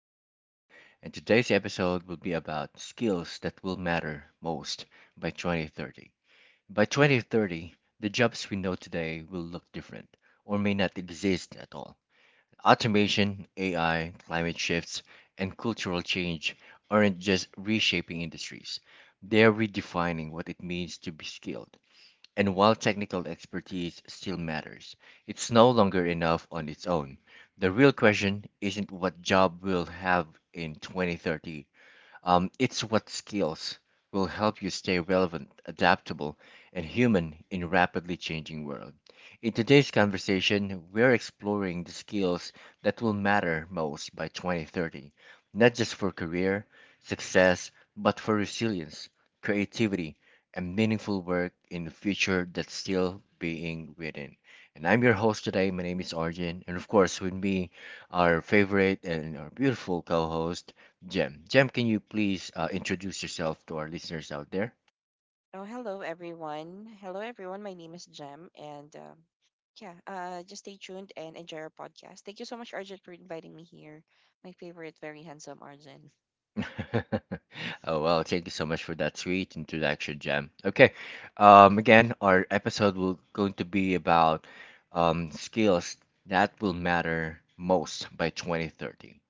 podcast. And today's episode will be about skills that will matter most by 2030. By 2030, the jobs we know today will look different or may not exist at all. Automation, AI, climate shifts, and cultural change aren't just reshaping industries, they're redefining what it means to be skilled. And while technical expertise still matters, it's no longer enough on its own. The real question isn't what job we'll have in 2030. It's what skills will help you stay relevant, adaptable, and human in a rapidly changing world. In today's conversation, we're exploring the skills that will matter most by 2030, not just for career success, but for resilience, creativity, and meaningful work in the future that's still being written. And I'm your host today. My name is Arjun, and of course, with me, our favorite and our beautiful co-host, Jem. Jem, can you please introduce yourself to our listeners out there? Oh, hello everyone. Hello everyone. My name is Jem, and yeah, just stay tuned and enjoy our podcast. Thank you so much, Arjun, for inviting me here. My favorite, very handsome Arjun. Oh, well, thank you so much for that sweet introduction, Jem. Okay, again, our episode will going to be about skills that will matter most by 2030.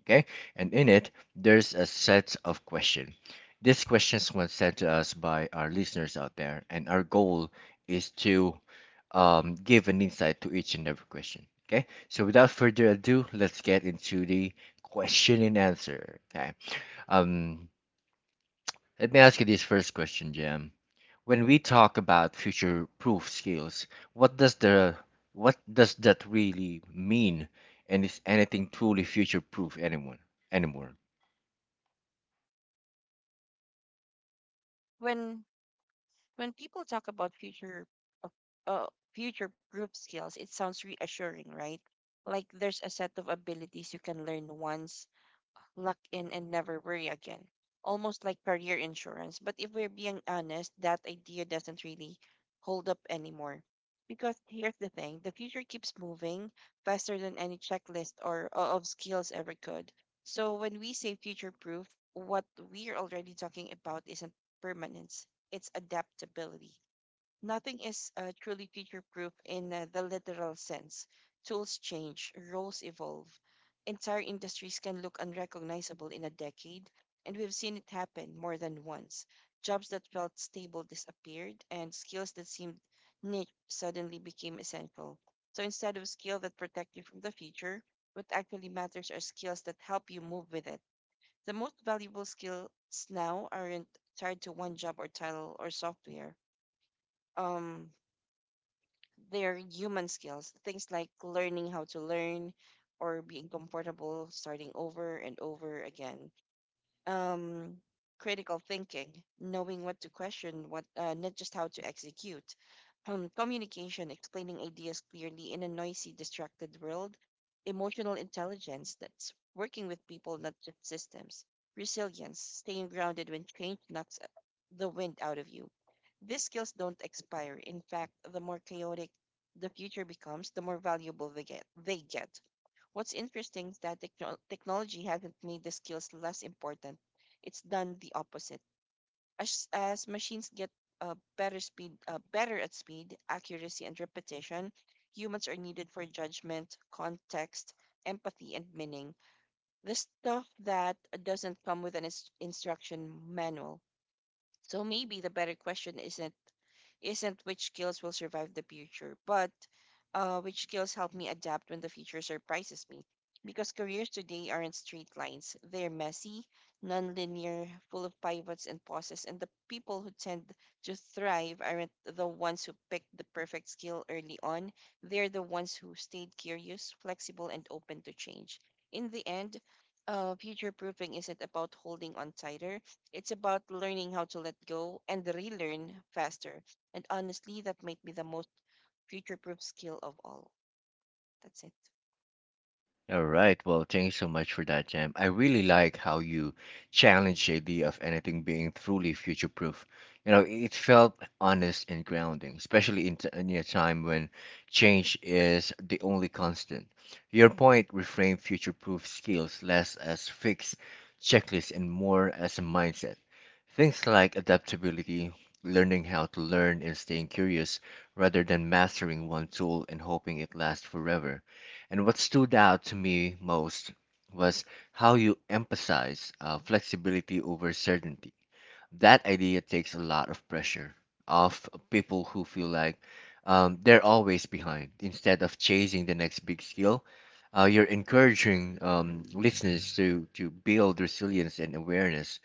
Okay, and in it there's a set of questions. These questions were sent to us by our listeners out there, and our goal is to give an insight to each and every question. Okay, so without further ado, let's get into the question and answer. Okay um let me ask you this first question, Jam. When we talk about future proof skills, what does that really mean, and is anything truly future proof anyone anymore? When when people talk about future, uh, uh, future group skills, it sounds reassuring, right? Like there's a set of abilities you can learn once, lock in and never worry again. Almost like career insurance. But if we're being honest, that idea doesn't really hold up anymore. Because here's the thing, the future keeps moving faster than any checklist of skills ever could. So when we say future proof, what we're already talking about isn't permanence, it's adaptability. Nothing is truly future proof in the literal sense. Tools change, roles evolve. Entire industries can look unrecognizable in a decade, and we've seen it happen more than once. Jobs that felt stable disappeared, and skills that seemed niche suddenly became essential. So instead of skill that protect you from the future, what actually matters are skills that help you move with it. The most valuable skills now aren't tied to one job or title or software. Um, their human skills, things like learning how to learn or being comfortable starting over and over again, um, critical thinking, knowing what to question, what not just how to execute. Communication, explaining ideas clearly in a noisy, distracted world. Emotional intelligence, that's working with people, not just systems. Resilience, staying grounded when change knocks the wind out of you. These skills don't expire. In fact, the more chaotic the future becomes, the more valuable they get. What's interesting is that technology hasn't made the skills less important. It's done the opposite. As machines get better at speed, accuracy, and repetition, humans are needed for judgment, context, empathy, and meaning. The stuff that doesn't come with an instruction manual. So maybe the better question isn't which skills will survive the future, but which skills help me adapt when the future surprises me. Because careers today aren't straight lines. They're messy, non-linear, full of pivots and pauses, and the people who tend to thrive aren't the ones who picked the perfect skill early on. They're the ones who stayed curious, flexible, and open to change. In the end, future proofing isn't about holding on tighter, it's about learning how to let go and relearn faster. And honestly, that might be the most future proof skill of all. That's it. All right. Well, thank you so much for that, Jam. I really like how you challenged the idea of anything being truly future-proof. You know, it felt honest and grounding, especially in a time when change is the only constant. Your point reframed future-proof skills less as fixed checklists and more as a mindset. Things like adaptability, learning how to learn, and staying curious rather than mastering one tool and hoping it lasts forever. And what stood out to me most was how you emphasize flexibility over certainty. That idea takes a lot of pressure off people who feel like they're always behind. Instead of chasing the next big skill, you're encouraging listeners to build resilience and awareness,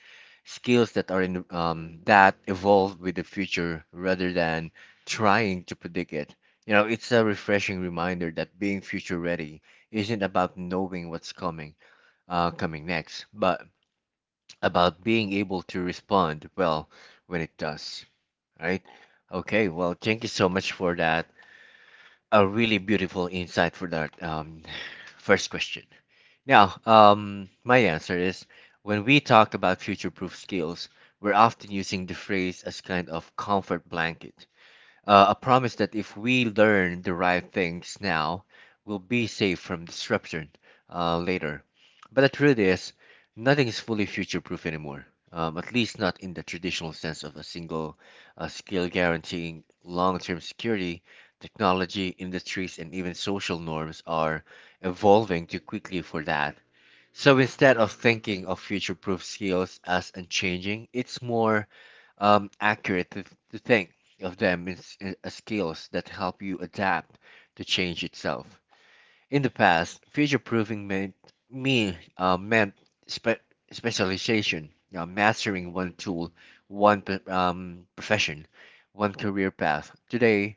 skills that are in, that evolve with the future rather than trying to predict it. You know, it's a refreshing reminder that being future ready isn't about knowing what's coming, coming next, but about being able to respond well when it does, right? Okay, well, thank you so much for that. A really beautiful insight for that first question. Now, my answer is, when we talk about future proof skills, we're often using the phrase as kind of comfort blanket, a promise that if we learn the right things now, we'll be safe from disruption later. But the truth is, nothing is fully future-proof anymore. At least not in the traditional sense of a single skill guaranteeing long-term security. Technology, industries, and even social norms are evolving too quickly for that. So instead of thinking of future-proof skills as unchanging, it's more accurate to think of them as skills that help you adapt to change itself. In the past, future proofing meant me meant spe- specialization, you know, mastering one tool, one profession, one career path. Today,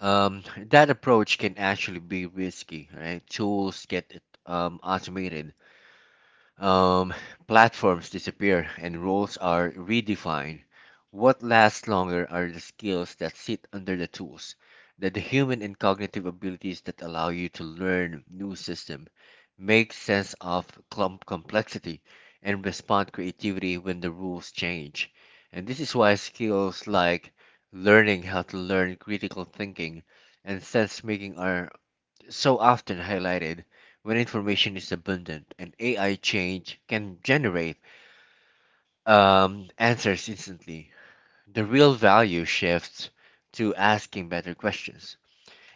um, that approach can actually be risky. Right? Tools get automated, um, platforms disappear, and roles are redefined. What lasts longer are the skills that sit under the tools, that the human and cognitive abilities that allow you to learn new system, make sense of clump complexity, and respond creativity when the rules change. And this is why skills like learning how to learn, critical thinking, and sense making are so often highlighted when information is abundant and AI change can generate answers instantly. The real value shifts to asking better questions,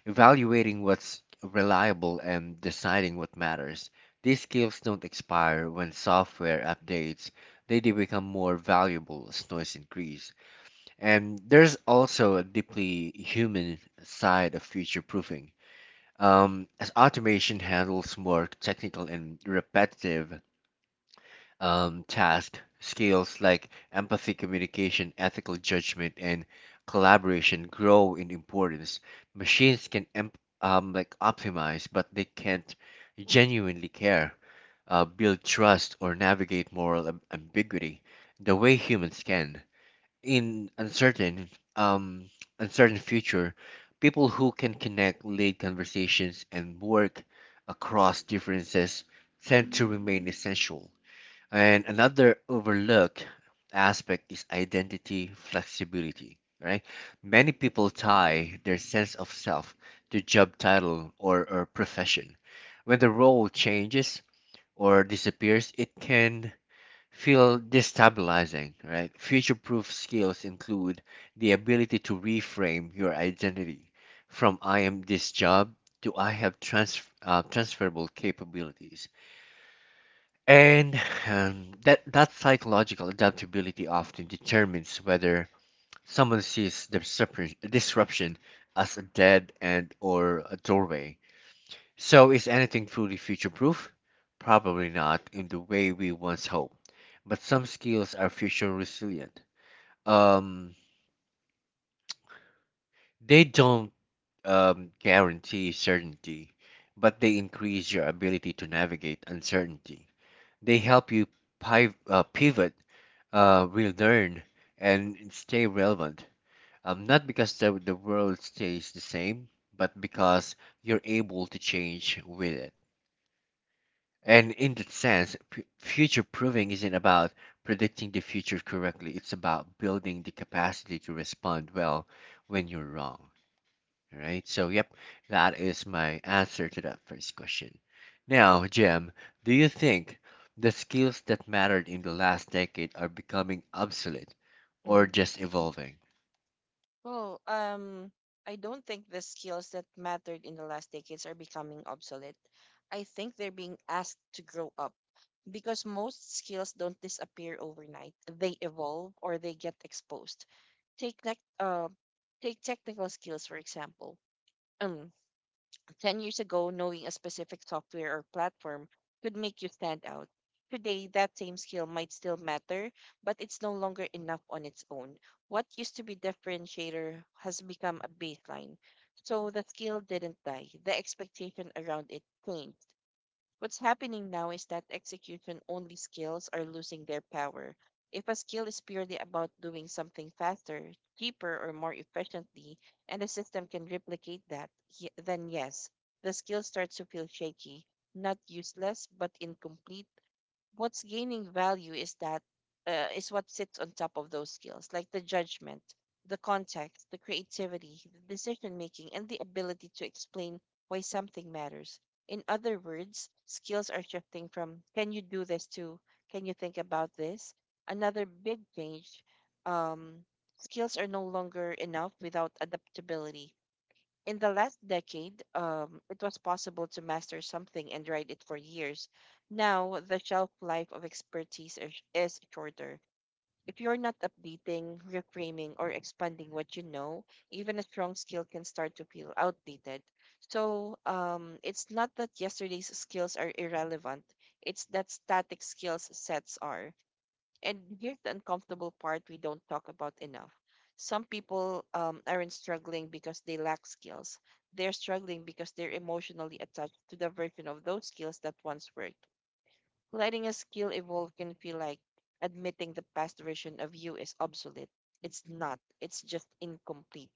evaluating what's reliable, and deciding what matters. These skills don't expire when software updates, they do become more valuable as noise increase. And there's also a deeply human side of future proofing. As automation handles more technical and repetitive tasks, skills like empathy, communication, ethical judgment, and collaboration grow in importance. Machines can like optimize, but they can't genuinely care, build trust, or navigate moral ambiguity the way humans can in uncertain um future. People who can connect, lead conversations, and work across differences tend to remain essential. And another overlooked aspect is identity flexibility, right? Many people tie their sense of self to job title or profession. When the role changes or disappears, it can feel destabilizing, right? Future proof skills include the ability to reframe your identity from I am this job to I have transferable capabilities. And that psychological adaptability often determines whether someone sees the disruption as a dead end or a doorway. So, is anything truly future proof? Probably not in the way we once hoped, but some skills are future resilient. Um, they don't guarantee certainty, but they increase your ability to navigate uncertainty. They help you pivot, relearn, and stay relevant. Not because the world stays the same, but because you're able to change with it. And in that sense, future proofing isn't about predicting the future correctly. It's about building the capacity to respond well when you're wrong. All right. So, yep, that is my answer to that first question. Now, Jim, do you think the skills that mattered in the last decade are becoming obsolete or Hmm. just evolving? Well, I don't think the skills that mattered in the last decades are becoming obsolete. I think they're being asked to grow up because most skills don't disappear overnight. They evolve or they get exposed. Take like uh, Take technical skills for example. 10 years ago, knowing a specific software or platform could make you stand out. Today, that same skill might still matter, but it's no longer enough on its own. What used to be differentiator has become a baseline. So the skill didn't die, the expectation around it changed. What's happening now is that execution only skills are losing their power. If a skill is purely about doing something faster, cheaper, or more efficiently, and the system can replicate that, then yes, the skill starts to feel shaky, not useless, but incomplete. What's gaining value is that is what sits on top of those skills, like the judgment, the context, the creativity, the decision making, and the ability to explain why something matters. In other words, skills are shifting from, can you do this, to can you think about this? Another big change, um, skills are no longer enough without adaptability. In the last decade, it was possible to master something and write it for years. Now, the shelf life of expertise is shorter. If you're not updating, reframing, or expanding what you know, even a strong skill can start to feel outdated. So, it's not that yesterday's skills are irrelevant, it's that static skills sets are. And here's the uncomfortable part we don't talk about enough. Some people aren't struggling because they lack skills. They're struggling because they're emotionally attached to the version of those skills that once worked. Letting a skill evolve can feel like admitting the past version of you is obsolete. It's not, it's just incomplete.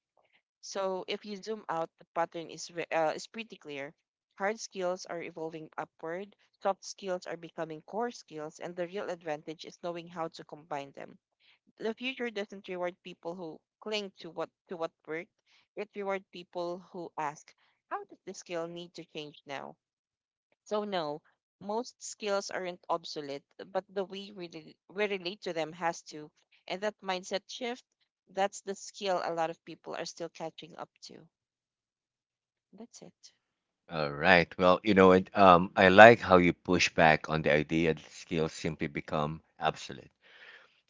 So if you zoom out, the pattern is is pretty clear. Hard skills are evolving upward, soft skills are becoming core skills, and the real advantage is knowing how to combine them. The future doesn't reward people who cling to what worked. It rewards people who ask, how does this skill need to change now? So no, most skills aren't obsolete, but the way we relate to them has to. And that mindset shift, that's the skill a lot of people are still catching up to. That's it. All right. Well, you know, I like how you push back on the idea that skills simply become obsolete.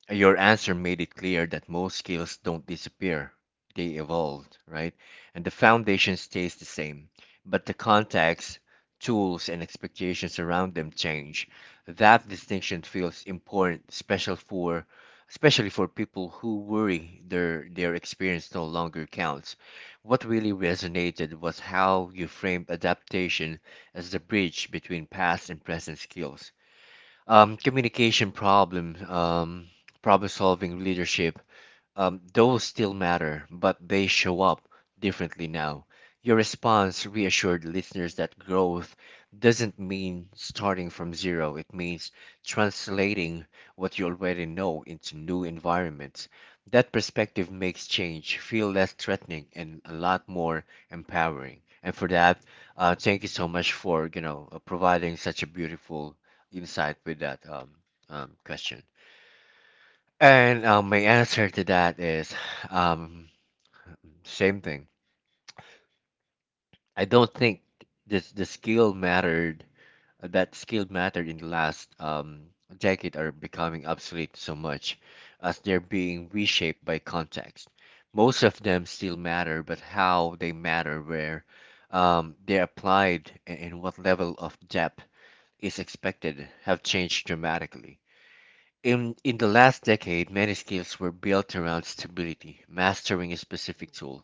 Your answer made it clear that most skills don't disappear, they evolve, right? And the foundation stays the same, but the context, tools, and expectations around them change. That distinction feels important, especially for people who worry their experience no longer counts. What really resonated was how you framed adaptation as the bridge between past and present skills. Communication, problem solving, leadership, those still matter, but they show up differently now. Your response reassured listeners that growth doesn't mean starting from zero. It means translating what you already know into new environments. That perspective makes change feel less threatening and a lot more empowering. And for that, thank you so much for you know providing such a beautiful insight with that question. And my answer to that is, um, same thing. I don't think this the skill mattered that skill mattered in the last decade are becoming obsolete so much as they're being reshaped by context. Most of them still matter, but how they matter, where they're applied, and what level of depth is expected have changed dramatically. In the last decade, many skills were built around stability, mastering a specific tool,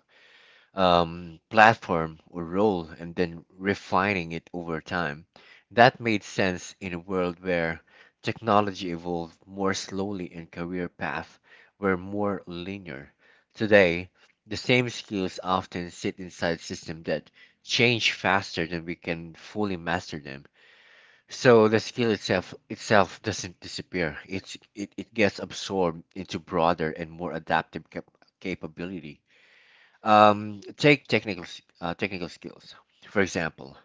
platform, or role, and then refining it over time. That made sense in a world where technology evolved more slowly and career paths were more linear. Today, the same skills often sit inside systems that change faster than we can fully master them. So the skill itself doesn't disappear. It gets absorbed into broader and more adaptive capability. Take technical skills, for example.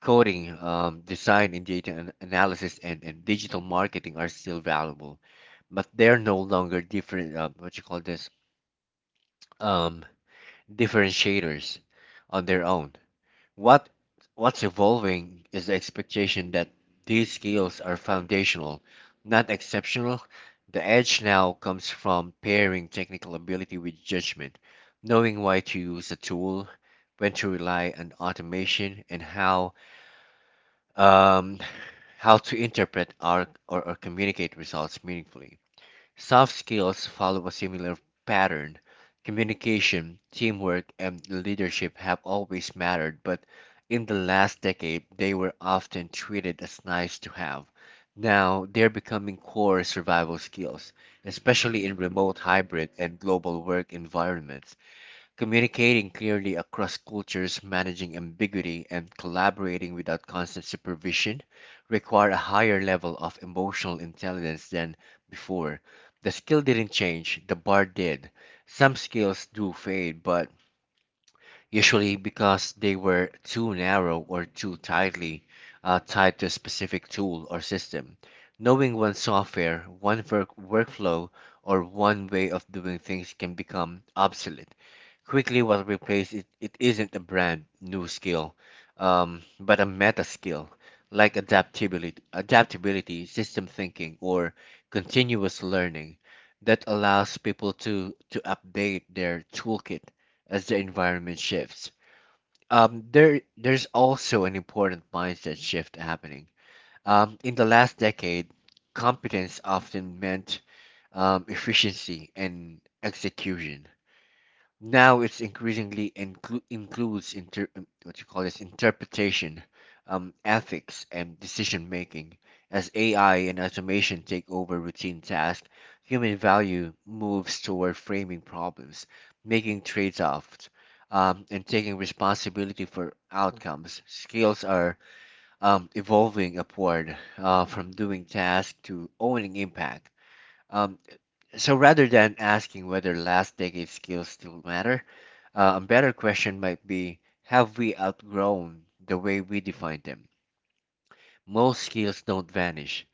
Coding, design and data analysis, and digital marketing are still valuable, but they're no longer different. What you call this? Um, Differentiators on their own. What what's evolving is the expectation that these skills are foundational, not exceptional. The edge now comes from pairing technical ability with judgment, knowing why to use a tool, when to rely on automation, and um, how to interpret our or communicate results meaningfully. Soft skills follow a similar pattern. Communication, teamwork, and leadership have always mattered, but in the last decade, they were often treated as nice to have. Now, they're becoming core survival skills, especially in remote, hybrid, and global work environments. Communicating clearly across cultures, managing ambiguity, and collaborating without constant supervision require a higher level of emotional intelligence than before. The skill didn't change, the bar did. Some skills do fade, but usually because they were too narrow or too tightly tied to a specific tool or system. Knowing one software, workflow, or one way of doing things can become obsolete quickly was replaced. It isn't a brand new skill, but a meta skill like adaptability, system thinking, or continuous learning that allows people to update their toolkit as the environment shifts. There's also an important mindset shift happening. In the last decade, competence often meant efficiency and execution. Now it's increasingly includes inter- what you call this interpretation, ethics and decision making. As ai and automation take over routine tasks, human value moves toward framing problems, making trade-offs, and taking responsibility for outcomes. Skills are evolving upward, from doing tasks to owning impact. um, so rather than asking whether last decade skills still matter, a better question might be, have we outgrown the way we define them? Most skills don't vanish,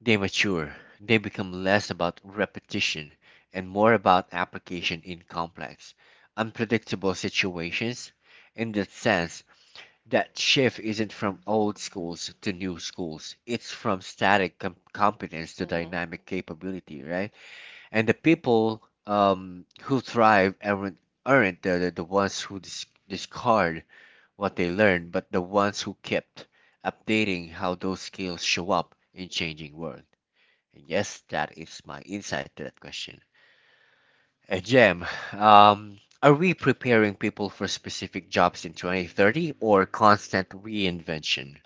they mature. They become less about repetition and more about application in complex, unpredictable situations. In that sense, that shift isn't from old schools to new schools, it's from static competence to Mm-hmm. dynamic capability, right? And the Hmm. people who thrive aren't the ones who discard what they learned, but the ones who kept updating how those skills show up in changing world. And yes, that is my insight to that question. And Jem, are we preparing people for specific jobs in 2030 or constant reinvention?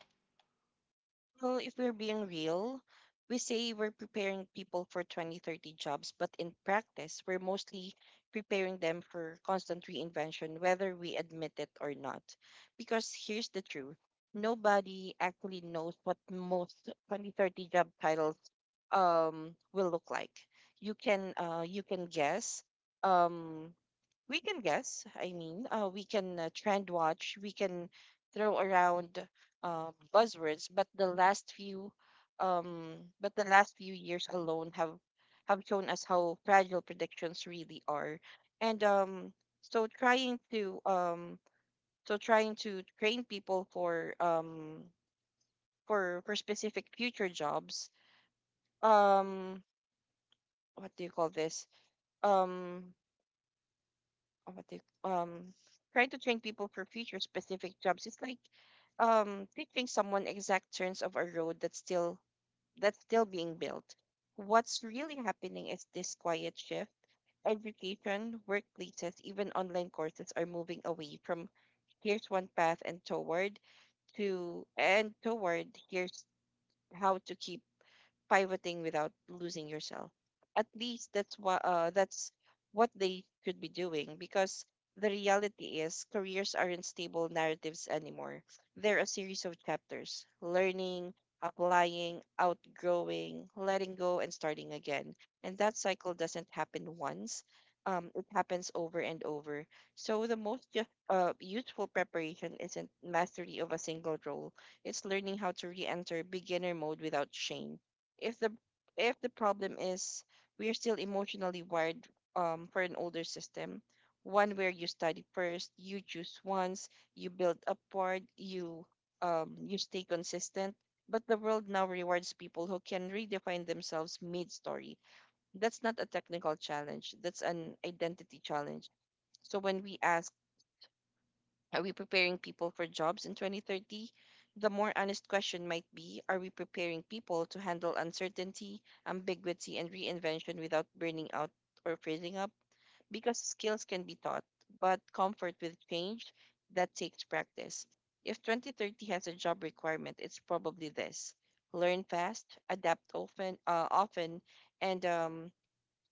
Well, if we're being real, we say we're preparing people for 2030 jobs, but in practice, we're mostly preparing them for constant reinvention, whether we admit it or not. Because here's the truth, nobody actually knows what most 2030 job titles will look like. You can guess. Um, we can guess. I mean, we can trend watch, we can throw around buzzwords, but um, the last few years alone have shown us how fragile predictions really are, and so trying to um, so trying to train people for specific future jobs, um, what do you call this? Um, um, what they, um Trying to train people for future specific jobs is like teaching someone exact turns of a road that's still being built. What's really happening is this quiet shift. Education, workplaces, even online courses are moving away from, here's one path, and toward, here's how to keep pivoting without losing yourself. At least that's what they could be doing, because the reality is careers aren't stable narratives anymore. They're a series of chapters: learning, applying, outgrowing, letting go, and starting again. And that cycle doesn't happen once. It happens over and over. So the most useful preparation isn't mastery of a single role. It's learning how to re-enter beginner mode without shame. If the if the problem is, we are still emotionally wired for an older system, one where you study first, you choose once, you build upward, you stay consistent. But the world now rewards people who can redefine themselves mid-story. That's not a technical challenge. That's an identity challenge. So when we ask, are we preparing people for jobs in 2030? The more honest question might be, are we preparing people to handle uncertainty, ambiguity, and reinvention without burning out or freezing up? Because skills can be taught, but comfort with change, that takes practice. If 2030 has a job requirement, it's probably this: learn fast, adapt often, and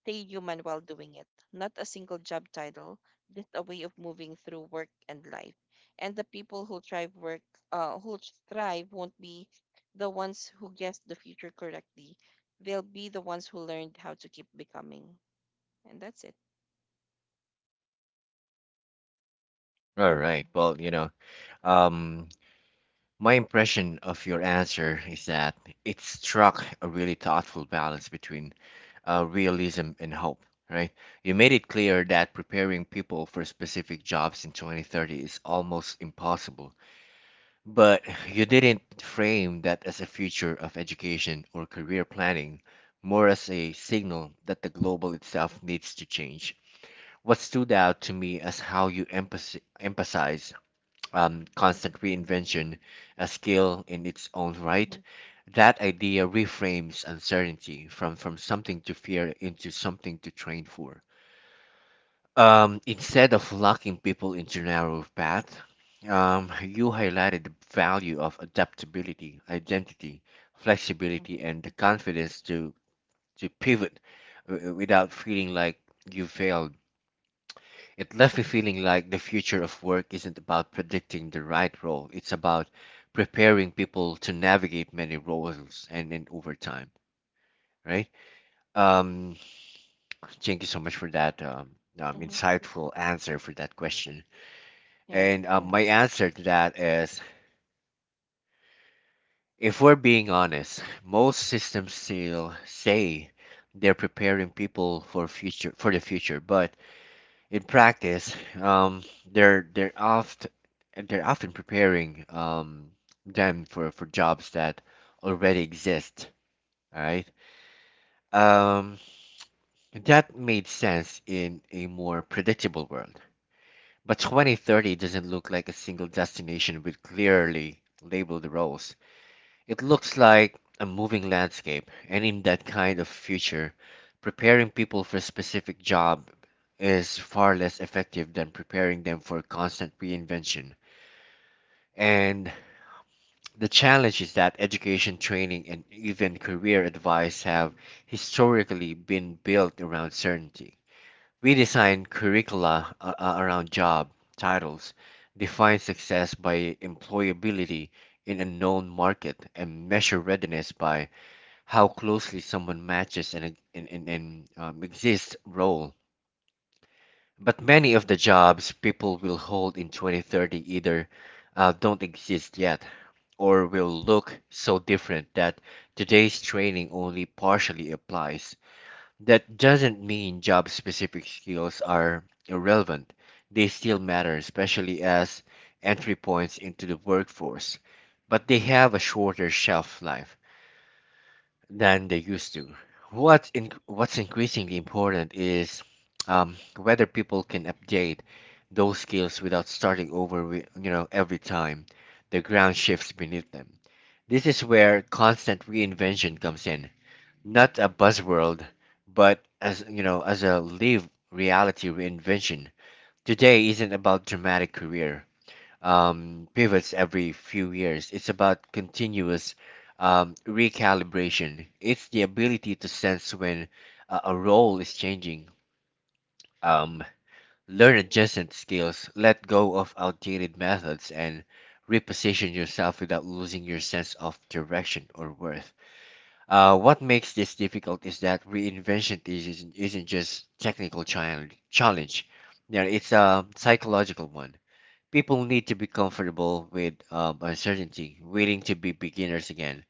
stay human while doing it. Not a single job title, just a way of moving through work and life. And the people who uh, who thrive won't be the ones who guessed the future correctly. They'll be the ones who learned how to keep becoming. And that's it. All Yeah. right. Well, you know, um, my impression of your answer is that it struck a really thoughtful balance between realism and hope, right? You made it clear that preparing people for specific jobs in 2030 is almost impossible, but you didn't frame that as a future of education or career planning, more as a signal that the global itself needs to change. What stood out to me as how you emphasize constant reinvention a skill in its own Mm-hmm. right. That idea reframes uncertainty from something to fear into something to train for. Instead of locking people into narrow path, you highlighted the value of adaptability, identity, flexibility, and the confidence to pivot without feeling like you failed. It left me feeling like the future of work isn't about predicting the right role, it's about preparing people to navigate many roles and over time, right? Um, Thank you so much for that Mm-hmm. insightful answer for that question. And my answer to that is, if we're being honest, most systems still say they're preparing people for the future, but in practice, um, they're they're oft they're often preparing them for jobs that already exist. All right. Um, that made sense in a more predictable world. But 2030 doesn't look like a single destination with clearly labeled roles. It looks like a moving landscape, and in that kind of future, preparing people for a specific job is far less effective than preparing them for constant reinvention. And the challenge is that education, training, and even career advice have historically been built around certainty. We design curricula around job titles, define success by employability in a known market, and measure readiness by how closely someone matches an exist role. But many of the jobs people will hold in 2030 either don't exist yet or will look so different that today's training only partially applies. That doesn't mean job specific skills are irrelevant. They still matter, especially as entry points into the workforce, but they have a shorter shelf life than they used to. What's increasingly important is whether people can update those skills without starting over, with, you know, every time the ground shifts beneath them. This is where constant reinvention comes in, not a buzzword, but as you know, as a live reality reinvention. Today isn't about dramatic career pivots every few years. It's about continuous recalibration. It's the ability to sense when a role is changing, um, learn adjacent skills, let go of outdated methods, and reposition yourself without losing your sense of direction or worth. What makes this difficult is that reinvention is, isn't just technical challenge. Yeah, it's a psychological one. People need to be comfortable with uncertainty, willing to be beginners again,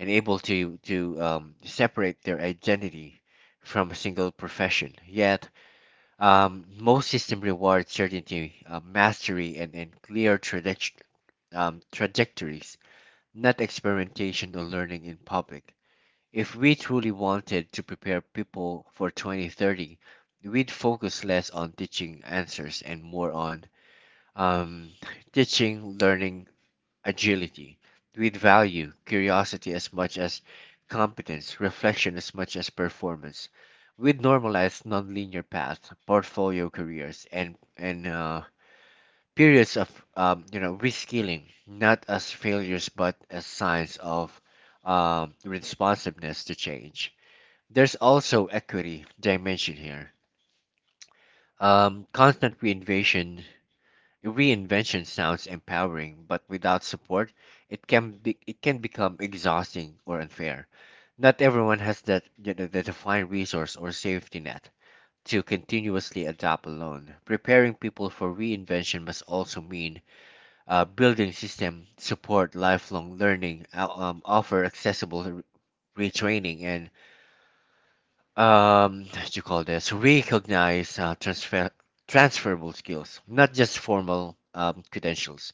and able to separate their identity from a single profession. Yet, most system reward certainty, mastery, and clear trajectories, not experimentation or learning in public. If we truly wanted to prepare people for 2030, we'd focus less on teaching answers and more on um, teaching, learning, agility. With value curiosity as much as competence, reflection as much as performance. With normalize nonlinear paths, portfolio careers, and periods of you know reskilling, not as failures but as signs of responsiveness to change. There's also equity dimension here. Constant reinvention Reinvention sounds empowering, but without support, it can become exhausting or unfair. Not everyone has that the defined resource or safety net to continuously adapt alone. Preparing people for reinvention must also mean building system support, lifelong learning, offer accessible retraining, and what you call this recognize transferable skills, not just formal credentials.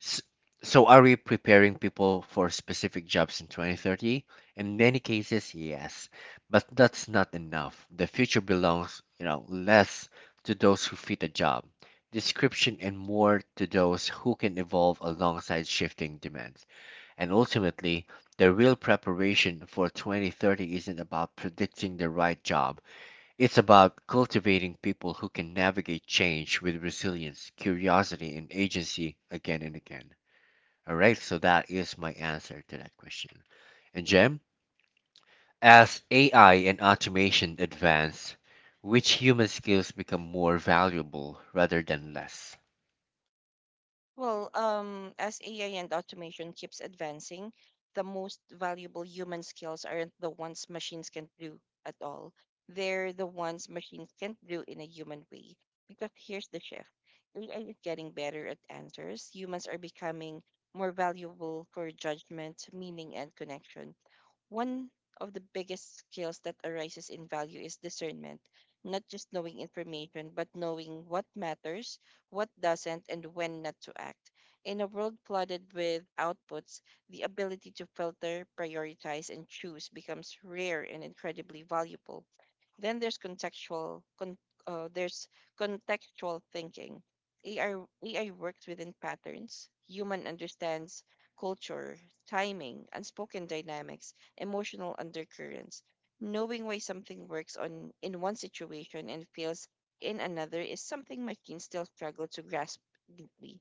S- So, are we preparing people for specific jobs in 2030? In many cases, yes, but that's not enough. The future belongs, you know, less to those who fit a job description and more to those who can evolve alongside shifting demands. And ultimately, the real preparation for 2030 isn't about predicting the right job. It's about cultivating people who can navigate change with resilience, curiosity, and agency again and again. All right, so that is my answer to that question. And Jem, as AI and automation advance, which human skills become more valuable rather than less? Well, as AI and automation keeps advancing, the most valuable human skills aren't the ones machines can do at all. They're the ones machines can't do in a human way. Because here's the shift, AI is getting better at answers, humans are becoming more valuable for judgment, meaning, and connection. One of the biggest skills that arises in value is discernment, not just knowing information, but knowing what matters, what doesn't, and when not to act. In a world flooded with outputs, the ability to filter, prioritize, and choose becomes rare and incredibly valuable. Then there's uh, there's contextual thinking. AI works within patterns. Human understands culture, timing, unspoken dynamics, emotional undercurrents. Knowing why something works on in one situation and fails in another is something machines still struggle to grasp deeply.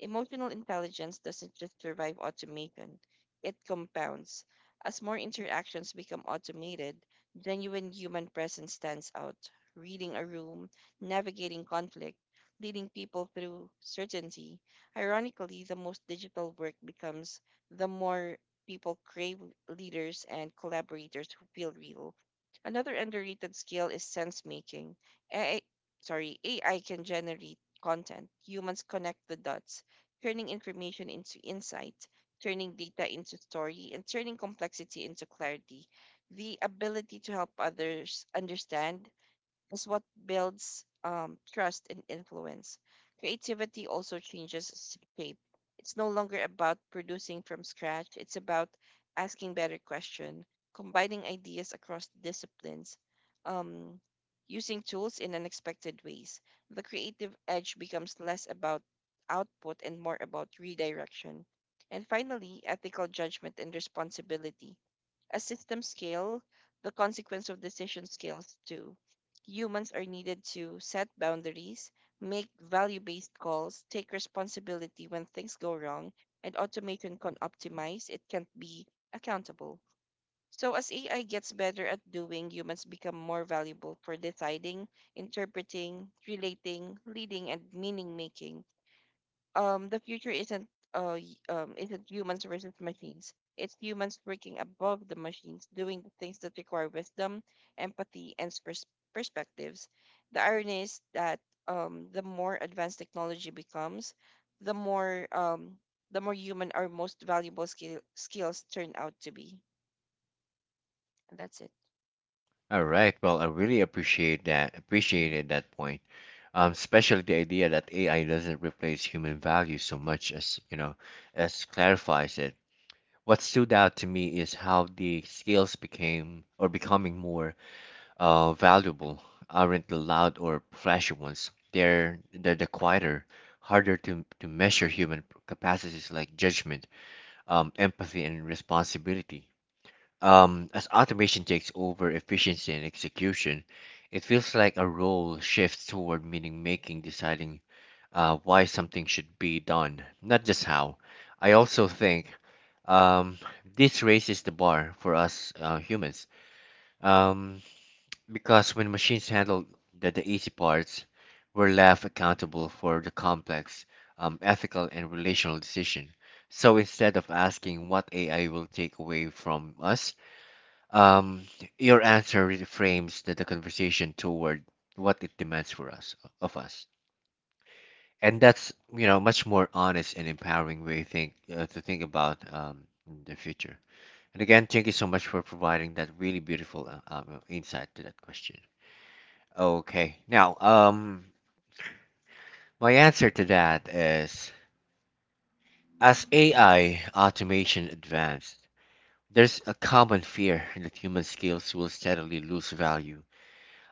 Emotional intelligence doesn't just survive automation, it compounds. As more interactions become automated, genuine human presence stands out. Reading a room, navigating conflict, leading people through certainty. Ironically, the most digital work becomes, the more people crave leaders and collaborators who feel real. Another underrated skill is sense making. AI, sorry, AI can generate content. Humans connect the dots, turning information into insight, turning data into story, and turning complexity into clarity. The ability to help others understand is what builds trust and influence. Creativity also changes its shape. It's no longer about producing from scratch, it's about asking better questions, combining ideas across disciplines, um, using tools in unexpected ways. The creative edge becomes less about output and more about redirection. And finally, ethical judgment and responsibility a system scale, the consequence of decision scales too. Humans are needed to set boundaries, make value based calls, take responsibility when things go wrong, and automation can optimize. It can't be accountable. So, as AI gets better at doing, humans become more valuable for deciding, interpreting, relating, leading, and meaning making the future isn't isn't humans versus machines. It's humans working above the machines, doing the things that require wisdom, empathy, and perspectives. The irony is that the more advanced technology becomes, the more um the more human our most valuable skills turn out to be. And that's it. All right, well, I really Mhm. appreciated that point, especially the idea that AI doesn't replace human value so much as, you know, as clarifies it. What stood out to me is how the skills became or becoming more valuable aren't the loud or flashy ones. They're the quieter, harder to measure human capacities like judgment, empathy, and responsibility. As automation takes over efficiency and execution, it feels like a role shifts toward meaning making, deciding why something should be done, not just how. I also think um, this raises the bar for us humans. Um, because when machines handled the easy parts, we're left accountable for the complex ethical and relational decision. So instead of asking what AI will take away from us, um, your answer reframes the conversation toward what it demands for us of us. And that's you know much more honest and empowering way think to think about the future. And again, thank you so much for providing that really beautiful insight to that question. Okay. Now, my answer to that is, as AI automation advanced, there's a common fear that human skills will steadily lose value.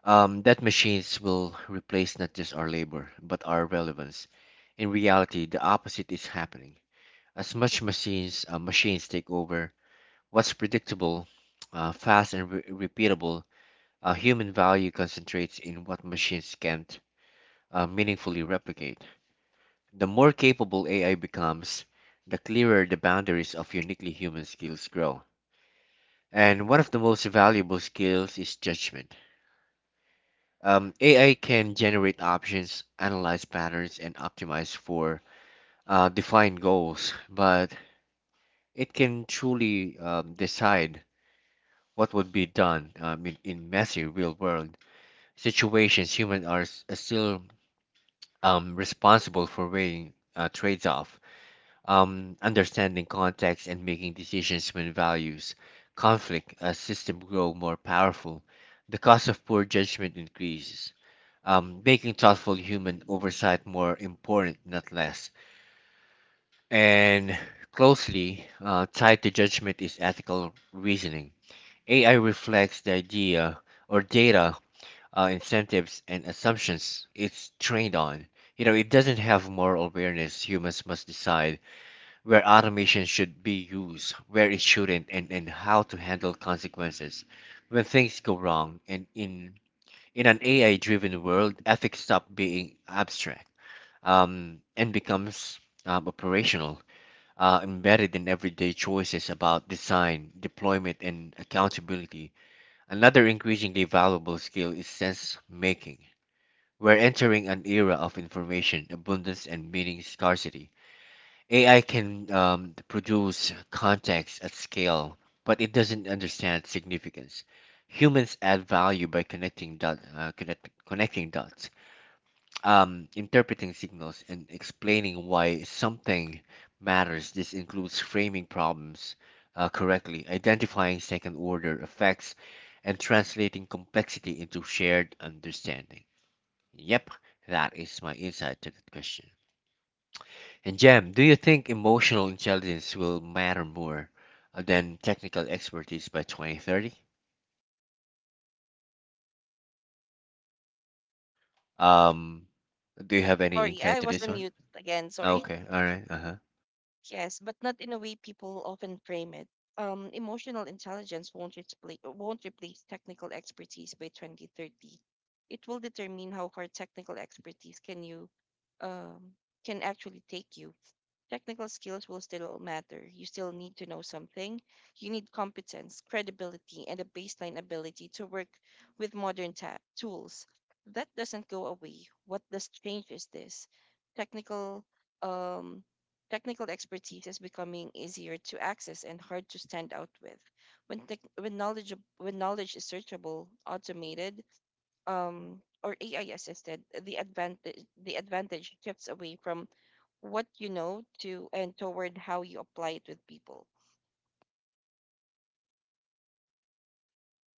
That machines will replace not just our labor, but our relevance. In reality, the opposite is happening. As much machines machines take over what's predictable, fast and repeatable, human value concentrates in what machines can't meaningfully replicate. The more capable AI becomes, the clearer the boundaries of uniquely human skills grow. And one of the most valuable skills is judgment. AI can generate options, analyze patterns, and optimize for defined goals, but it can truly decide what would be done in messy real world situations. Humans are still responsible for weighing trades off, understanding context and making decisions when values, conflict, a system grow more powerful, the cost of poor judgment increases. Making thoughtful human oversight more important, not less. And closely tied to judgment is ethical reasoning. AI reflects the idea or data, incentives, and assumptions it's trained on. You know, it doesn't have moral awareness. Humans must decide where automation should be used, where it shouldn't, and how to handle consequences when things go wrong. And in an AI driven world, ethics stop being abstract and becomes operational, embedded in everyday choices about design, deployment, and accountability. Another increasingly valuable skill is sense making. We're entering an era of information abundance and meaning scarcity. AI can produce context at scale, but it doesn't understand significance. Humans add value by connecting dots, interpreting signals, and explaining why something matters. This includes framing problems correctly, identifying second-order effects, and translating complexity into shared understanding. Yep, that is my insight to that question. And Jam, do you think emotional intelligence will matter more than technical expertise by 2030? Um, do you have any Sorry, insight I to was this on one? mute again. Sorry. Okay, all right, uh-huh. Yes, but not in a way people often frame it. Emotional intelligence won't replace technical expertise by 2030. It will determine how far technical expertise can you um, can actually take you. Technical skills will still matter. You still need to know something. You need competence, credibility, and a baseline ability to work with modern tools. That doesn't go away. What does change is this: technical, um, technical expertise is becoming easier to access and hard to stand out with. When tech when knowledge when knowledge is searchable, automated, um, or AI assisted, the advantage shifts away from what you know to and toward how you apply it with people.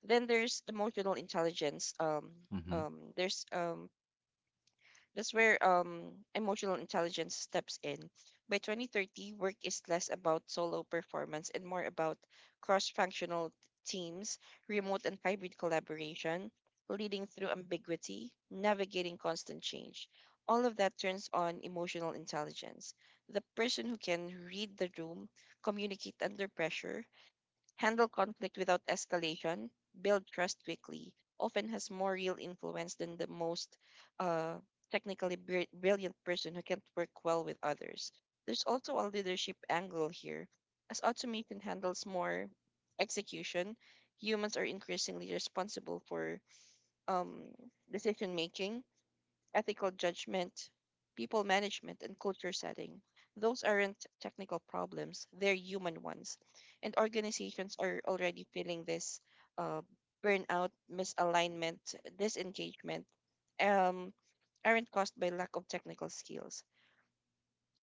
Then there's emotional intelligence. Mm-hmm. There's That's where emotional intelligence steps in. By 2030, work is less about solo performance and more about cross functional teams, remote and hybrid collaboration, leading through ambiguity, navigating constant change. All of that turns on emotional intelligence. The person who can read the room, communicate under pressure, handle conflict without escalation, build trust quickly, often has more real influence than the most uh, technically brilliant person who can't work well with others. There's also a leadership angle here. As automation handles more execution, humans are increasingly responsible for um, decision making ethical judgment, people management, and culture setting. Those aren't technical problems, they're human ones. And organizations are already feeling this uh, burnout, misalignment, disengagement um, aren't caused by lack of technical skills.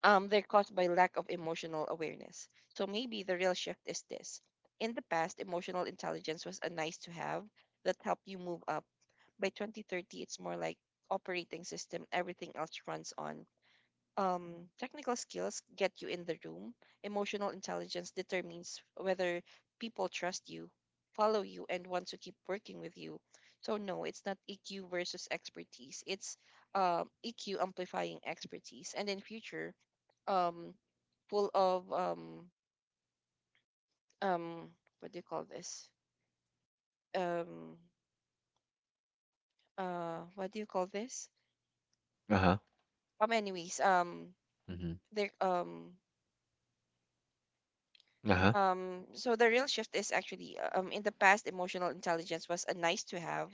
They're caused by lack of emotional awareness. So maybe the real shift is this. In the past, emotional intelligence was a nice to have that helped you move up. By 2030 it's more like operating system everything else runs on. Technical skills get you in the room. Emotional intelligence determines whether people trust you, follow you, and want to keep working with you. So no, it's not EQ versus expertise, it's EQ amplifying expertise. And in future um, full of um, what do you call this? um, what do you call this? Uh-huh. Anyways Mm-hmm. there Uh-huh. So the real shift is actually in the past, emotional intelligence was a nice to have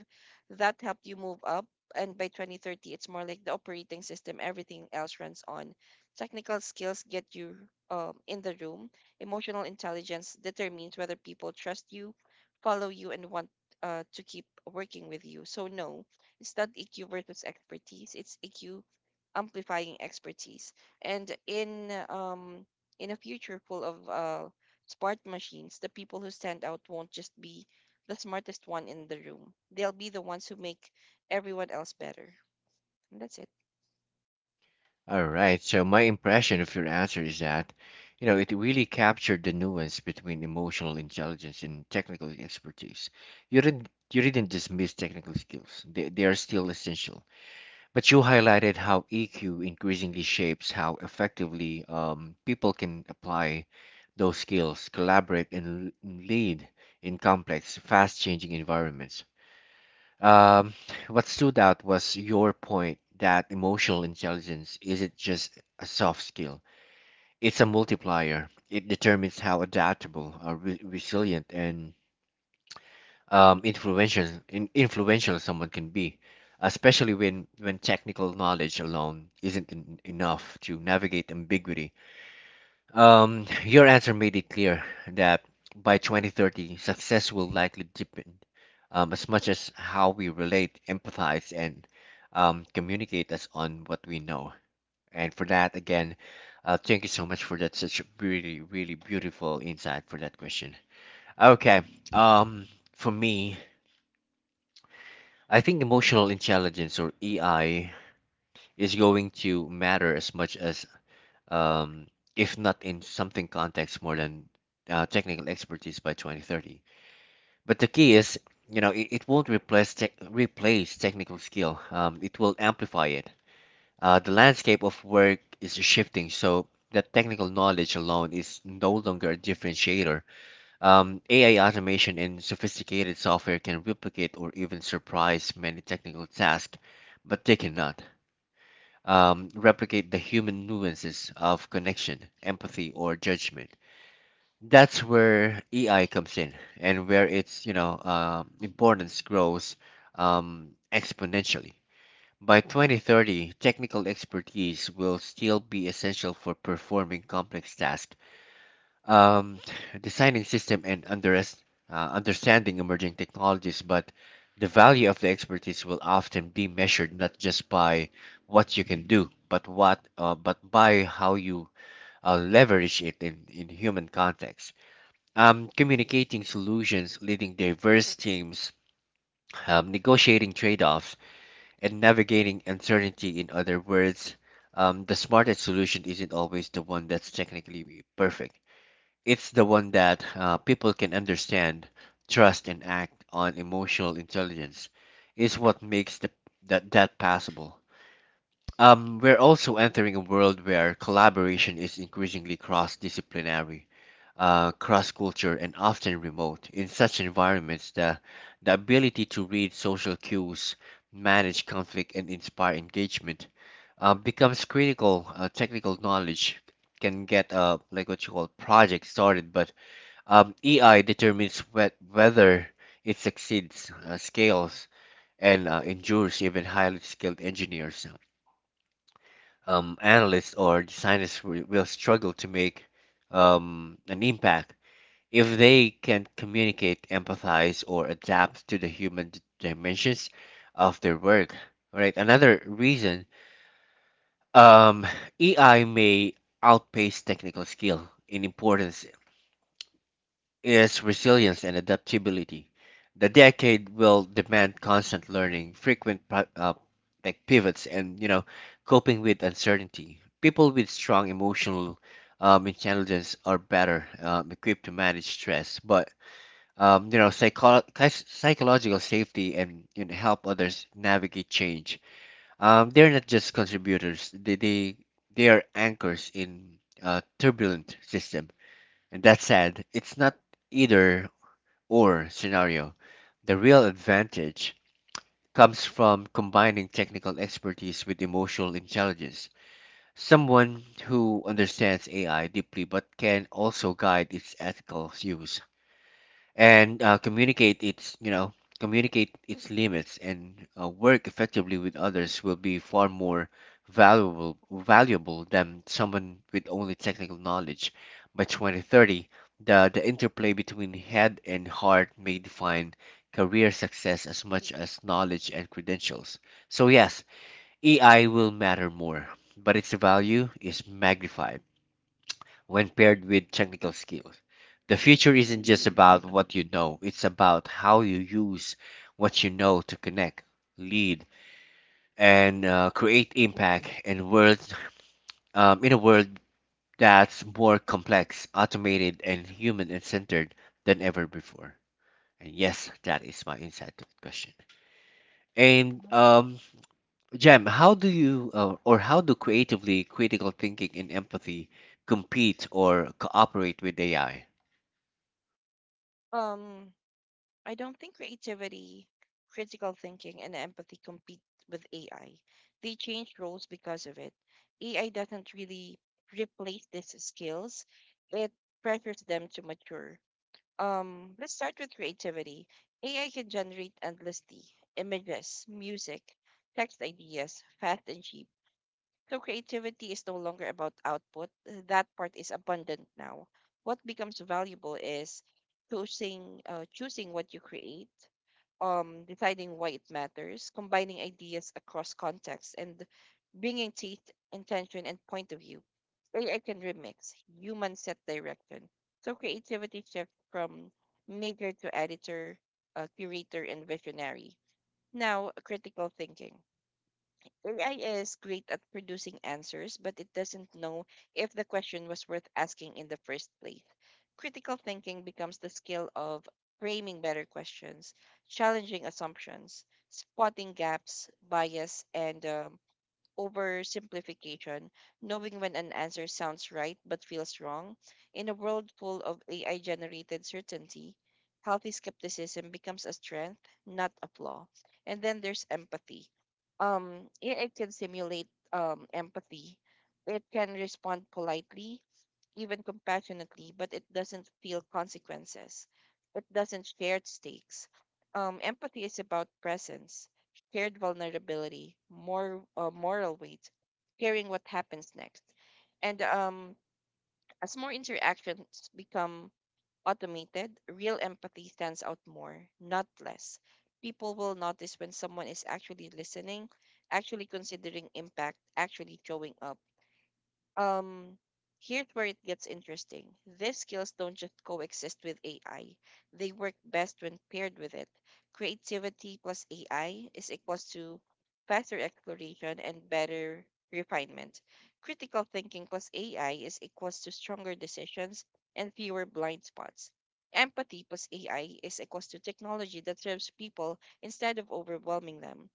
that helped you move up. And by 2030, it's more like the operating system, everything else runs on. Technical skills get you in the room. Emotional intelligence determines whether people trust you, follow you, and want to keep working with you. So, no, it's not EQ versus expertise, it's EQ amplifying expertise. And in a future full of smart machines, the people who stand out won't just be the smartest one in the room. They'll be the ones who make everyone else better. And that's it. All right. So my impression of your answer is that, you know, it really captured the nuance between emotional intelligence and technical expertise. You didn't dismiss technical skills. They are still essential, but you highlighted how EQ increasingly shapes how effectively people can apply those skills, collaborate, and lead in complex, fast changing environments. Um, what stood out was your point that emotional intelligence isn't just a soft skill, it's a multiplier. It determines how adaptable, resilient, and influential someone can be, especially when technical knowledge alone isn't enough to navigate ambiguity. Your answer made it clear that by 2030, success will likely depend as much as how we relate, empathize, and communicate us on what we know. And for that, again, thank you so much for that. Such a really, really beautiful insight for that question. Okay. Um, for me, I think emotional intelligence or EI is going to matter as much as, um, if not in something context, more than technical expertise by 2030. But the key is, you know, it won't replace tech replace technical skill. It will amplify it. The landscape of work is shifting, so that technical knowledge alone is no longer a differentiator. AI automation and sophisticated software can replicate or even surprise many technical tasks, but they cannot replicate the human nuances of connection, empathy, or judgment. That's where AI comes in, and where its importance grows exponentially. By 2030, technical expertise will still be essential for performing complex tasks, um, designing system and underest understanding emerging technologies, but the value of the expertise will often be measured not just by what you can do, but what but by how you leverage it in human context. Communicating solutions, leading diverse teams, negotiating trade-offs, and navigating uncertainty. In other words, the smartest solution isn't always the one that's technically perfect, it's the one that people can understand, trust, and act on. Emotional intelligence is what makes the, that that possible. We're also entering a world where collaboration is increasingly cross-disciplinary, cross-culture, and often remote. In such environments, the ability to read social cues, manage conflict, and inspire engagement becomes critical. Technical knowledge can get like what you call project started, but AI determines whether it succeeds, scales, and endures. Even highly skilled engineers, analysts, or designers will struggle to make an impact if they can't communicate, empathize, or adapt to the human dimensions of their work. All right. Another reason um, AI may outpace technical skill in importance is resilience and adaptability. The decade will demand constant learning, frequent pri- like pivots, and, you know, coping with uncertainty. People with strong emotional intelligence are better equipped to manage stress, but, you know, psychological safety and, you know, help others navigate change. They're not just contributors; they are anchors in a turbulent system, and that's sad. It's not either or scenario. The real advantage comes from combining technical expertise with emotional intelligence. Someone who understands AI deeply but can also guide its ethical use and communicate its limits and work effectively with others will be far more valuable than someone with only technical knowledge. By 2030, the interplay between head and heart may define career success as much as knowledge and credentials. So yes, AI will matter more, but its value is magnified Mhm, when paired with technical skills. The future isn't just about what you know, it's about how you use what you know to connect, lead, and create impact in a world that's more complex, automated, and human and centered than ever before. And yes, that is my insight to the question. And mhm. Jem, how do you or how do creatively critical thinking and empathy compete or cooperate with AI? Um, I don't think creativity, critical thinking, and empathy compete with AI. They change roles because of it. AI doesn't really replace these skills, it pressures them to mature. Let's start with creativity. AI can generate endlessly images, music, text ideas, fast and cheap. So creativity is no longer about output. That part is abundant now. What becomes valuable is choosing what you create, deciding why it matters, combining ideas across contexts, and bringing teeth, intention, and point of view. AI can remix, human set direction. So creativity shifts from maker to editor, curator, and visionary. Now, critical thinking. AI is great at producing answers, but it doesn't know if the question was worth asking in the first place. Critical thinking becomes the skill of framing better questions, challenging assumptions, spotting gaps, bias, and oversimplification, knowing when an answer sounds right but feels wrong. In a world full of AI generated certainty, healthy skepticism becomes a strength, not a flaw. And then there's empathy. AI can simulate empathy, it can respond politely even compassionately, but it doesn't feel consequences. It doesn't share stakes. Empathy is about presence, shared vulnerability, more moral weight, caring what happens next. And as more interactions become automated, real empathy stands out more, not less. People will notice when someone is actually listening, actually considering impact, actually showing up. um here's where it gets interesting. These skills don't just coexist with AI, they work best when paired with it. Creativity plus AI is equals to faster exploration and better refinement. Critical thinking plus AI is equals to stronger decisions and fewer blind spots. Empathy plus AI is equals to technology that serves people instead of overwhelming them.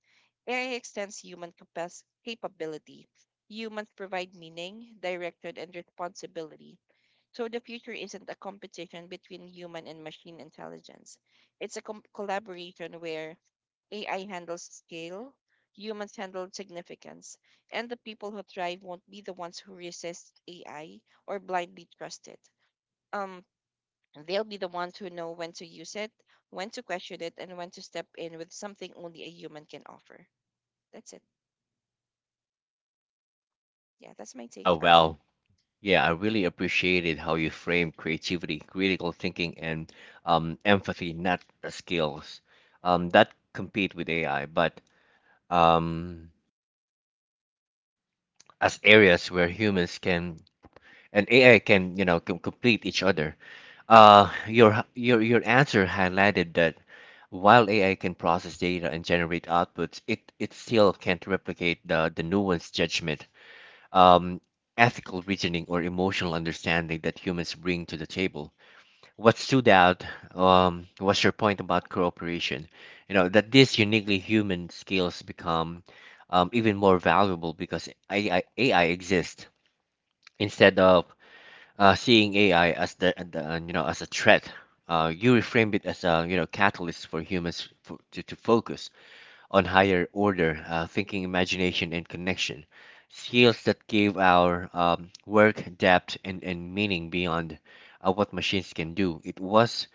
AI extends human capability. Humans provide meaning, direction, and responsibility. So the future isn't a competition between human and machine intelligence. It's a collaboration where AI handles scale, humans handle significance, and the people who thrive won't be the ones who resist AI or blindly trust it. Um, they'll be the ones who know when to use it, when to question it, and when to step in with something only a human can offer. That's it. Yeah, that's my take, Oh Arjun. well, yeah, I really appreciated how you framed creativity, critical thinking, and empathy, not skills that compete with AI, but um, as areas where humans can and AI can, you know, can complete each other. Your answer highlighted that while AI can process data and generate outputs, it still can't replicate the nuanced judgment, um, ethical reasoning, or emotional understanding that humans bring to the table. What stood out, was your point about cooperation. You know, that these uniquely human skills become even more valuable because AI exists, instead of seeing AI as the you know as a threat. You reframed it as a, you know, catalyst for humans to focus on higher order thinking, imagination, and connection. Skills that give our work depth and meaning beyond what machines can do. It was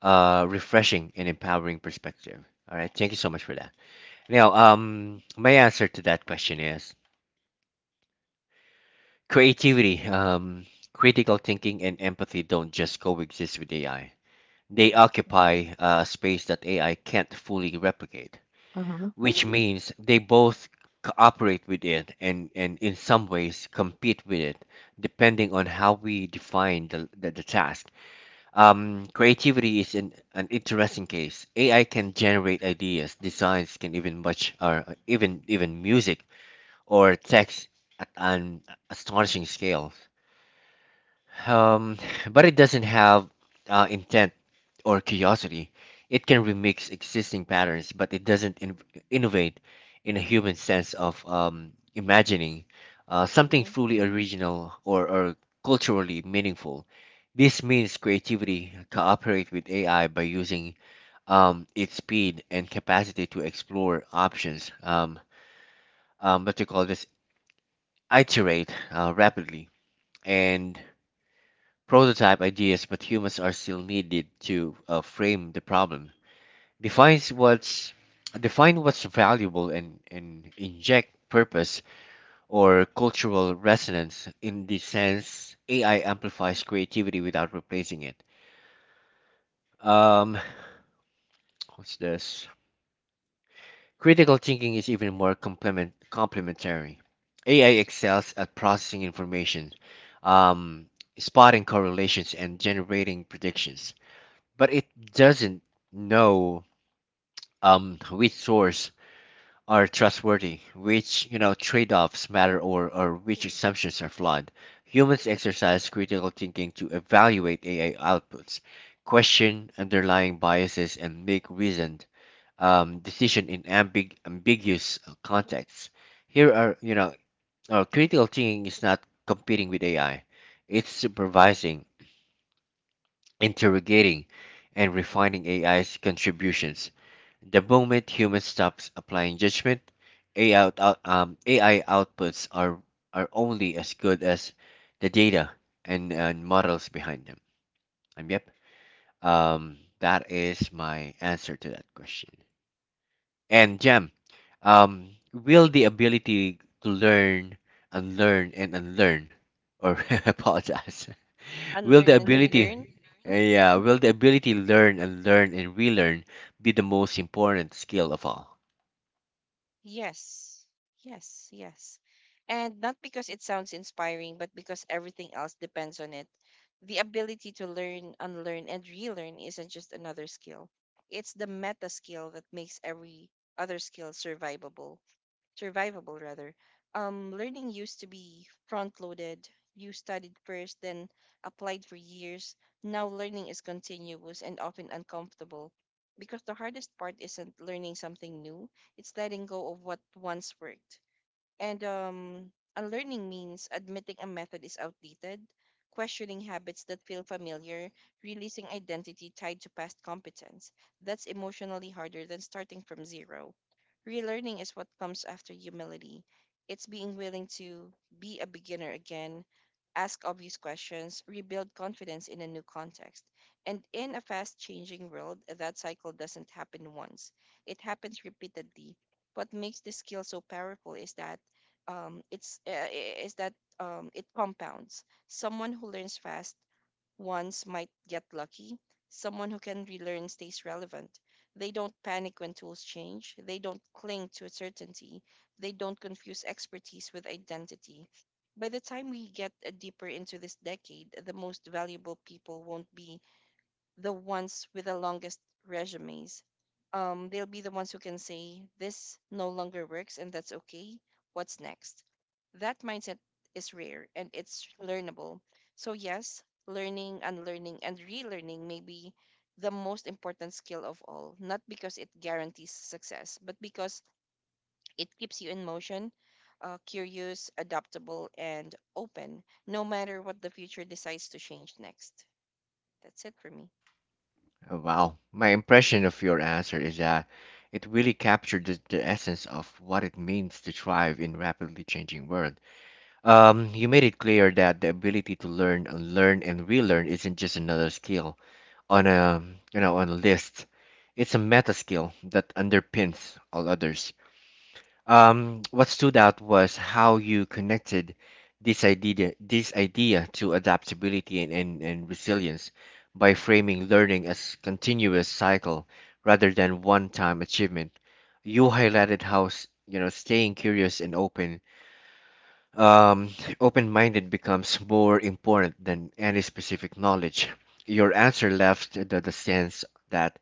a refreshing and empowering perspective. All right, thank you so much for that. Now, my answer to that question is creativity, critical thinking, and empathy don't just coexist with AI. They Mm-hmm. occupy a space that AI can't fully replicate, Uh-huh. which, mm-hmm, means they both cooperate with it and in some ways compete with it, depending on how we define the task. An interesting case. AI can generate ideas, designs, can even much or even even music or text at an astonishing scale. Um, but it doesn't have intent or curiosity. It can remix existing patterns, but it doesn't innovate in a human sense of imagining something Mm-hmm. fully original or culturally meaningful. This means creativity cooperate with AI by using its speed and capacity to explore options. What you call this? Iterate rapidly and prototype ideas, but humans are still needed to frame the problem, defines what's define what's valuable, and inject purpose or cultural resonance. In this sense, AI amplifies creativity without replacing it. Um, what's this? Critical thinking is even more complementary. AI excels at processing information, um, spotting correlations, and generating predictions, but it doesn't know which source are trustworthy, which, you know, trade-offs matter, or which assumptions are flawed. Humans exercise critical thinking to evaluate AI outputs, question underlying biases, and make reasoned decision in ambiguous contexts. Here are, you know, critical thinking is not competing with AI; it's supervising, interrogating, and refining AI's contributions. The moment humans stops applying judgment, AI outputs are only as good as the data and models behind them. Um, yep. That is my answer to that question. And Jam, will the ability to learn, unlearn, and unlearn, or apologize, will the Unlearn and ability, relearn. Yeah, will the ability to learn and relearn be the most important skill of all? Yes. Yes. Yes. And not because it sounds inspiring, but because everything else depends on it. The ability to learn, unlearn, and relearn isn't just another skill. It's the meta skill that makes every other skill survivable rather. Learning used to be front loaded. You studied first, then applied for years. Now learning is continuous and often uncomfortable because the hardest part isn't learning something new, it's letting go of what once worked. And unlearning means admitting a method is outdated, questioning habits that feel familiar, releasing identity tied to past competence. That's emotionally harder than starting from zero. Relearning is what comes after humility. It's being willing to be a beginner again, ask obvious questions, rebuild confidence in a new context. And in a fast changing world, that cycle doesn't happen once, it happens repeatedly. What makes this skill so powerful is that it compounds. Someone who learns fast once might get lucky. Someone who can relearn stays relevant. They don't panic when tools change. They don't cling to certainty. They don't confuse expertise with identity. By the time we get deeper into this decade, the most valuable people won't be the ones with the longest resumes. They'll be the ones who can say, this no longer works and that's okay. What's next? That mindset is rare and it's learnable. So, yes, learning, unlearning, and relearning may be the most important skill of all, not because it guarantees success, but because it keeps you in motion, curious, adaptable, and open, no matter what the future decides to change next. That's it for me. Oh, wow. My impression of your answer is that it really captured the essence of what it means to thrive in rapidly changing world. You made it clear that the ability to learn and relearn isn't just another skill on a, on a list. It's a meta skill that underpins all others. What stood out was how you connected this idea to adaptability and resilience by framing learning as continuous cycle rather than one-time achievement. You highlighted how, you know, staying curious and open, um, open-minded becomes more important than any specific knowledge. Your answer left the sense that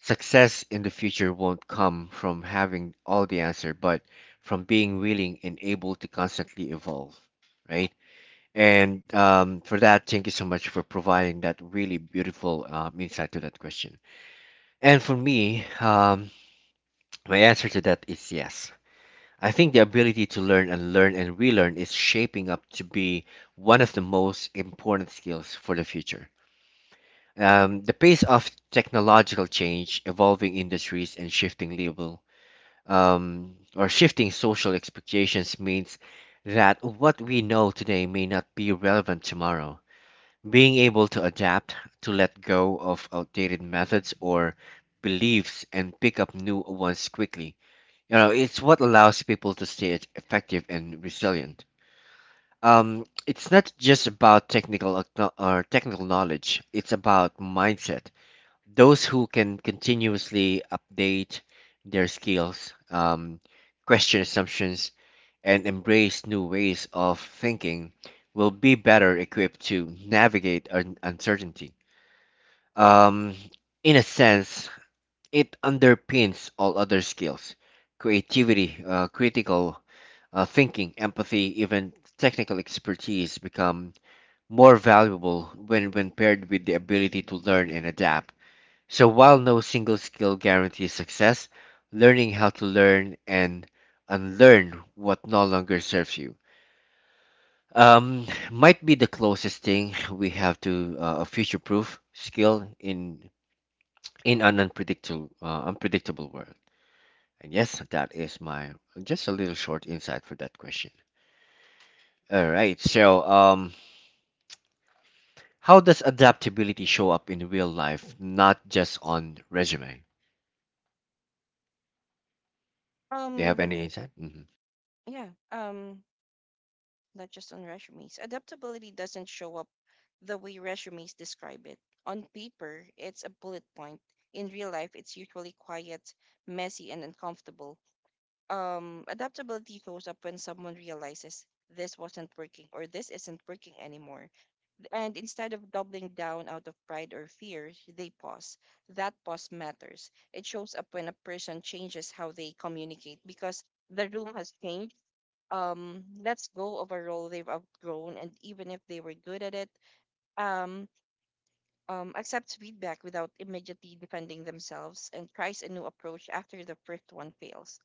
success in the future won't come from having all the answer, but from being willing and able to constantly evolve, right? And for that, thank you so much for providing that really beautiful insight to that question. And for me, my answer to that is yes. I think the ability to learn and relearn is shaping up to be one of the most important skills for the future. The pace of technological change, evolving industries, and shifting level or shifting social expectations means that what we know today may not be relevant tomorrow. Being able to adapt, to let go of outdated methods or beliefs and pick up new ones quickly. You know, it's what allows people to stay effective and resilient. It's not just about technical ac- or technical knowledge. It's about mindset. Those who can continuously update their skills, question assumptions, and embrace new ways of thinking will be better equipped to navigate uncertainty. Um, in a sense, it underpins all other skills: creativity, critical thinking, empathy, even technical expertise become more valuable when paired with the ability to learn and adapt. So while no single skill guarantees success, learning how to learn and unlearn what no longer serves you, might be the closest thing we have to a future-proof skill in an unpredictable unpredictable world. And yes, that is my just a little short insight for that question. All right. So how does adaptability show up in real life, not just on resume? Do you have Um, any insight? Mhm. Yeah, not just on resumes. Adaptability doesn't show up the way resumes describe it. On paper, it's a bullet point. In real life, it's usually quiet, messy, and uncomfortable. Adaptability shows up when someone realizes this wasn't working or this isn't working anymore. And instead of doubling down out of pride or fear, they pause. That pause matters. It shows up when a person changes how they communicate because the room has changed, let's go of a role they've outgrown and even if they were good at it, um accept feedback without immediately defending themselves and tries a new approach after the first one fails.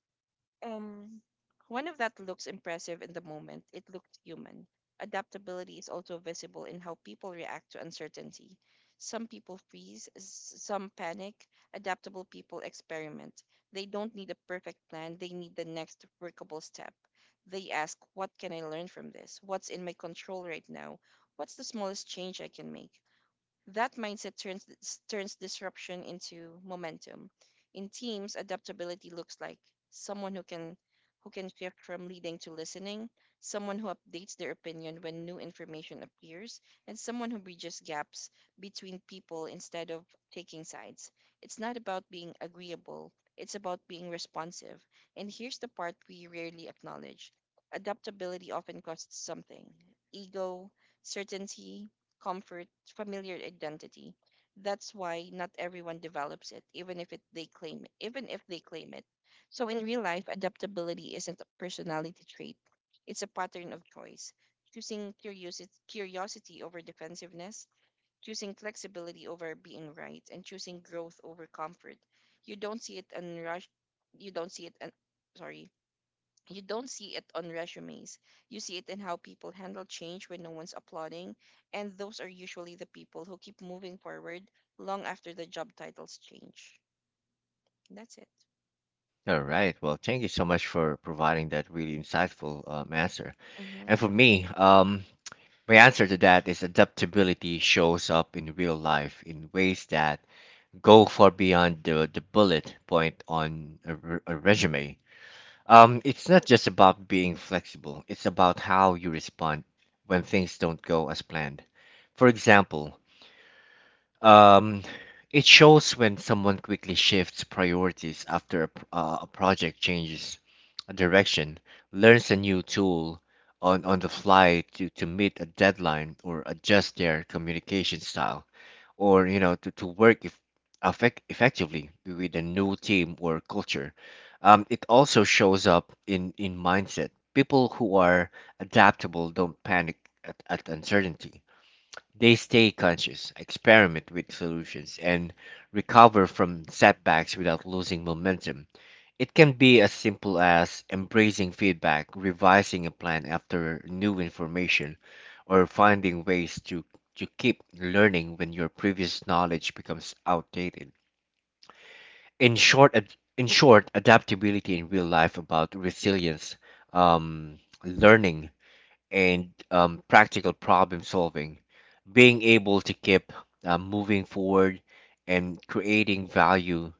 um, one of that looks impressive in the moment. It looks human. Adaptability is also visible in how people react to uncertainty. Some people freeze, some panic. Adaptable people experiment. They don't need a perfect plan, they need the next workable step. They ask, what can I learn from this? What's in my control right now? What's the smallest change I can make? That mindset turns disruption into momentum. In teams, adaptability looks like someone who can shift from leading to listening, someone who updates their opinion when new information appears, and someone who bridges gaps between people instead of taking sides. It's not about being agreeable, it's about being responsive. And here's the part we rarely acknowledge. Adaptability often costs something. Ego, certainty, comfort, familiar identity. That's why not everyone develops it, even if they claim it. So in real life, adaptability isn't a personality trait; it's a pattern of choice. Choosing curiosity over defensiveness, choosing flexibility over being right, and choosing growth over comfort. You don't see it unrushed. You don't see it. Un- sorry you don't see it on resumes. You see it in how people handle change when no one's applauding, and those are usually the people who keep moving forward long after the job titles change. That's it. All right. Well, thank you so much for providing that really insightful answer. Mm-hmm. And for me, my answer to that is adaptability shows up in real life in ways that go far beyond the bullet point on a, a resume. It's not just about being flexible, it's about how you respond when things don't go as planned. For example, um, it shows when someone quickly shifts priorities after a, a project changes a direction, learns a new tool on the fly to meet a deadline or adjust their communication style or, you know, to work if, effect, effectively with a new team or culture. It also shows up in mindset. People who are adaptable don't panic at uncertainty. They stay conscious, experiment with solutions, and recover from setbacks without losing momentum. It can be as simple as embracing feedback, revising a plan after new information, or finding ways to keep learning when your previous knowledge becomes outdated. In short, adaptability in real life about resilience, um, learning and, practical problem solving, being able to keep moving forward and creating value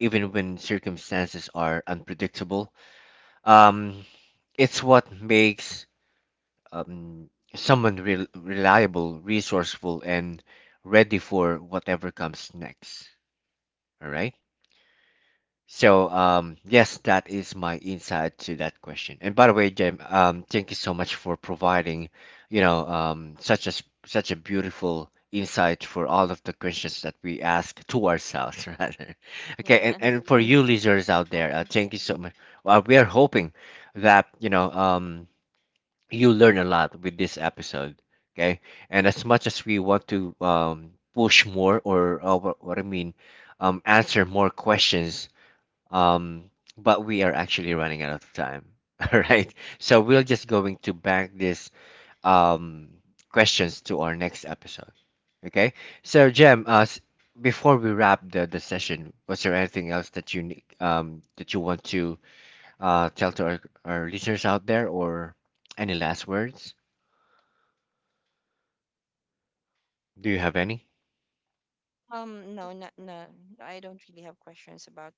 even when circumstances are unpredictable. Um, it's what makes, um, someone reliable, resourceful, and ready for whatever comes next. All right. So, yes, that is my insight to that question. And by the way, Jim, thank you so much for providing, you know, such such a beautiful insight for all of the questions that we ask to ourselves, rather. Okay, Yeah, and for you listeners out there, welcome. thank you so much. Well, we are hoping that, you know, you learn a lot with this episode. Okay, and as much as we want to push more or what I mean, answer more questions, um, but we are actually running out of time. All right, so we're just going to bank this, um, questions to our next episode. Okay, so Jem, before we wrap the session, was there anything else that you that you want to tell to our listeners out there, or any last words? Do you have any? No, I don't really have questions about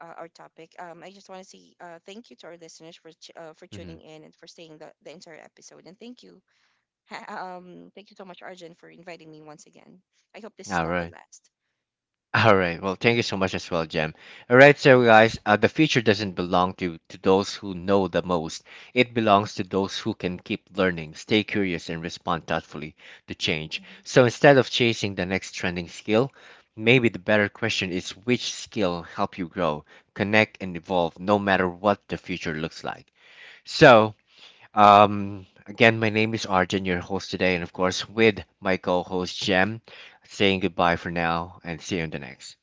our topic. I just want to say thank you to our listeners for for Mm-hmm. tuning in and for staying the entire episode. And thank you, thank you so much, Arjun, for inviting me once again. I hope this is All not the right. last. All right. Well, thank you so much as well, Jem. All right, so guys, the future doesn't belong to those who know the most. It belongs to those who can keep learning, stay curious, and respond thoughtfully to change. So instead of chasing the next trending skill, maybe the better question is which skill help you grow, connect, and evolve, no matter what the future looks like. So, again, my name is Arjun, your host today, and of course with my co-host Jem. Saying goodbye for now, and see you in the next.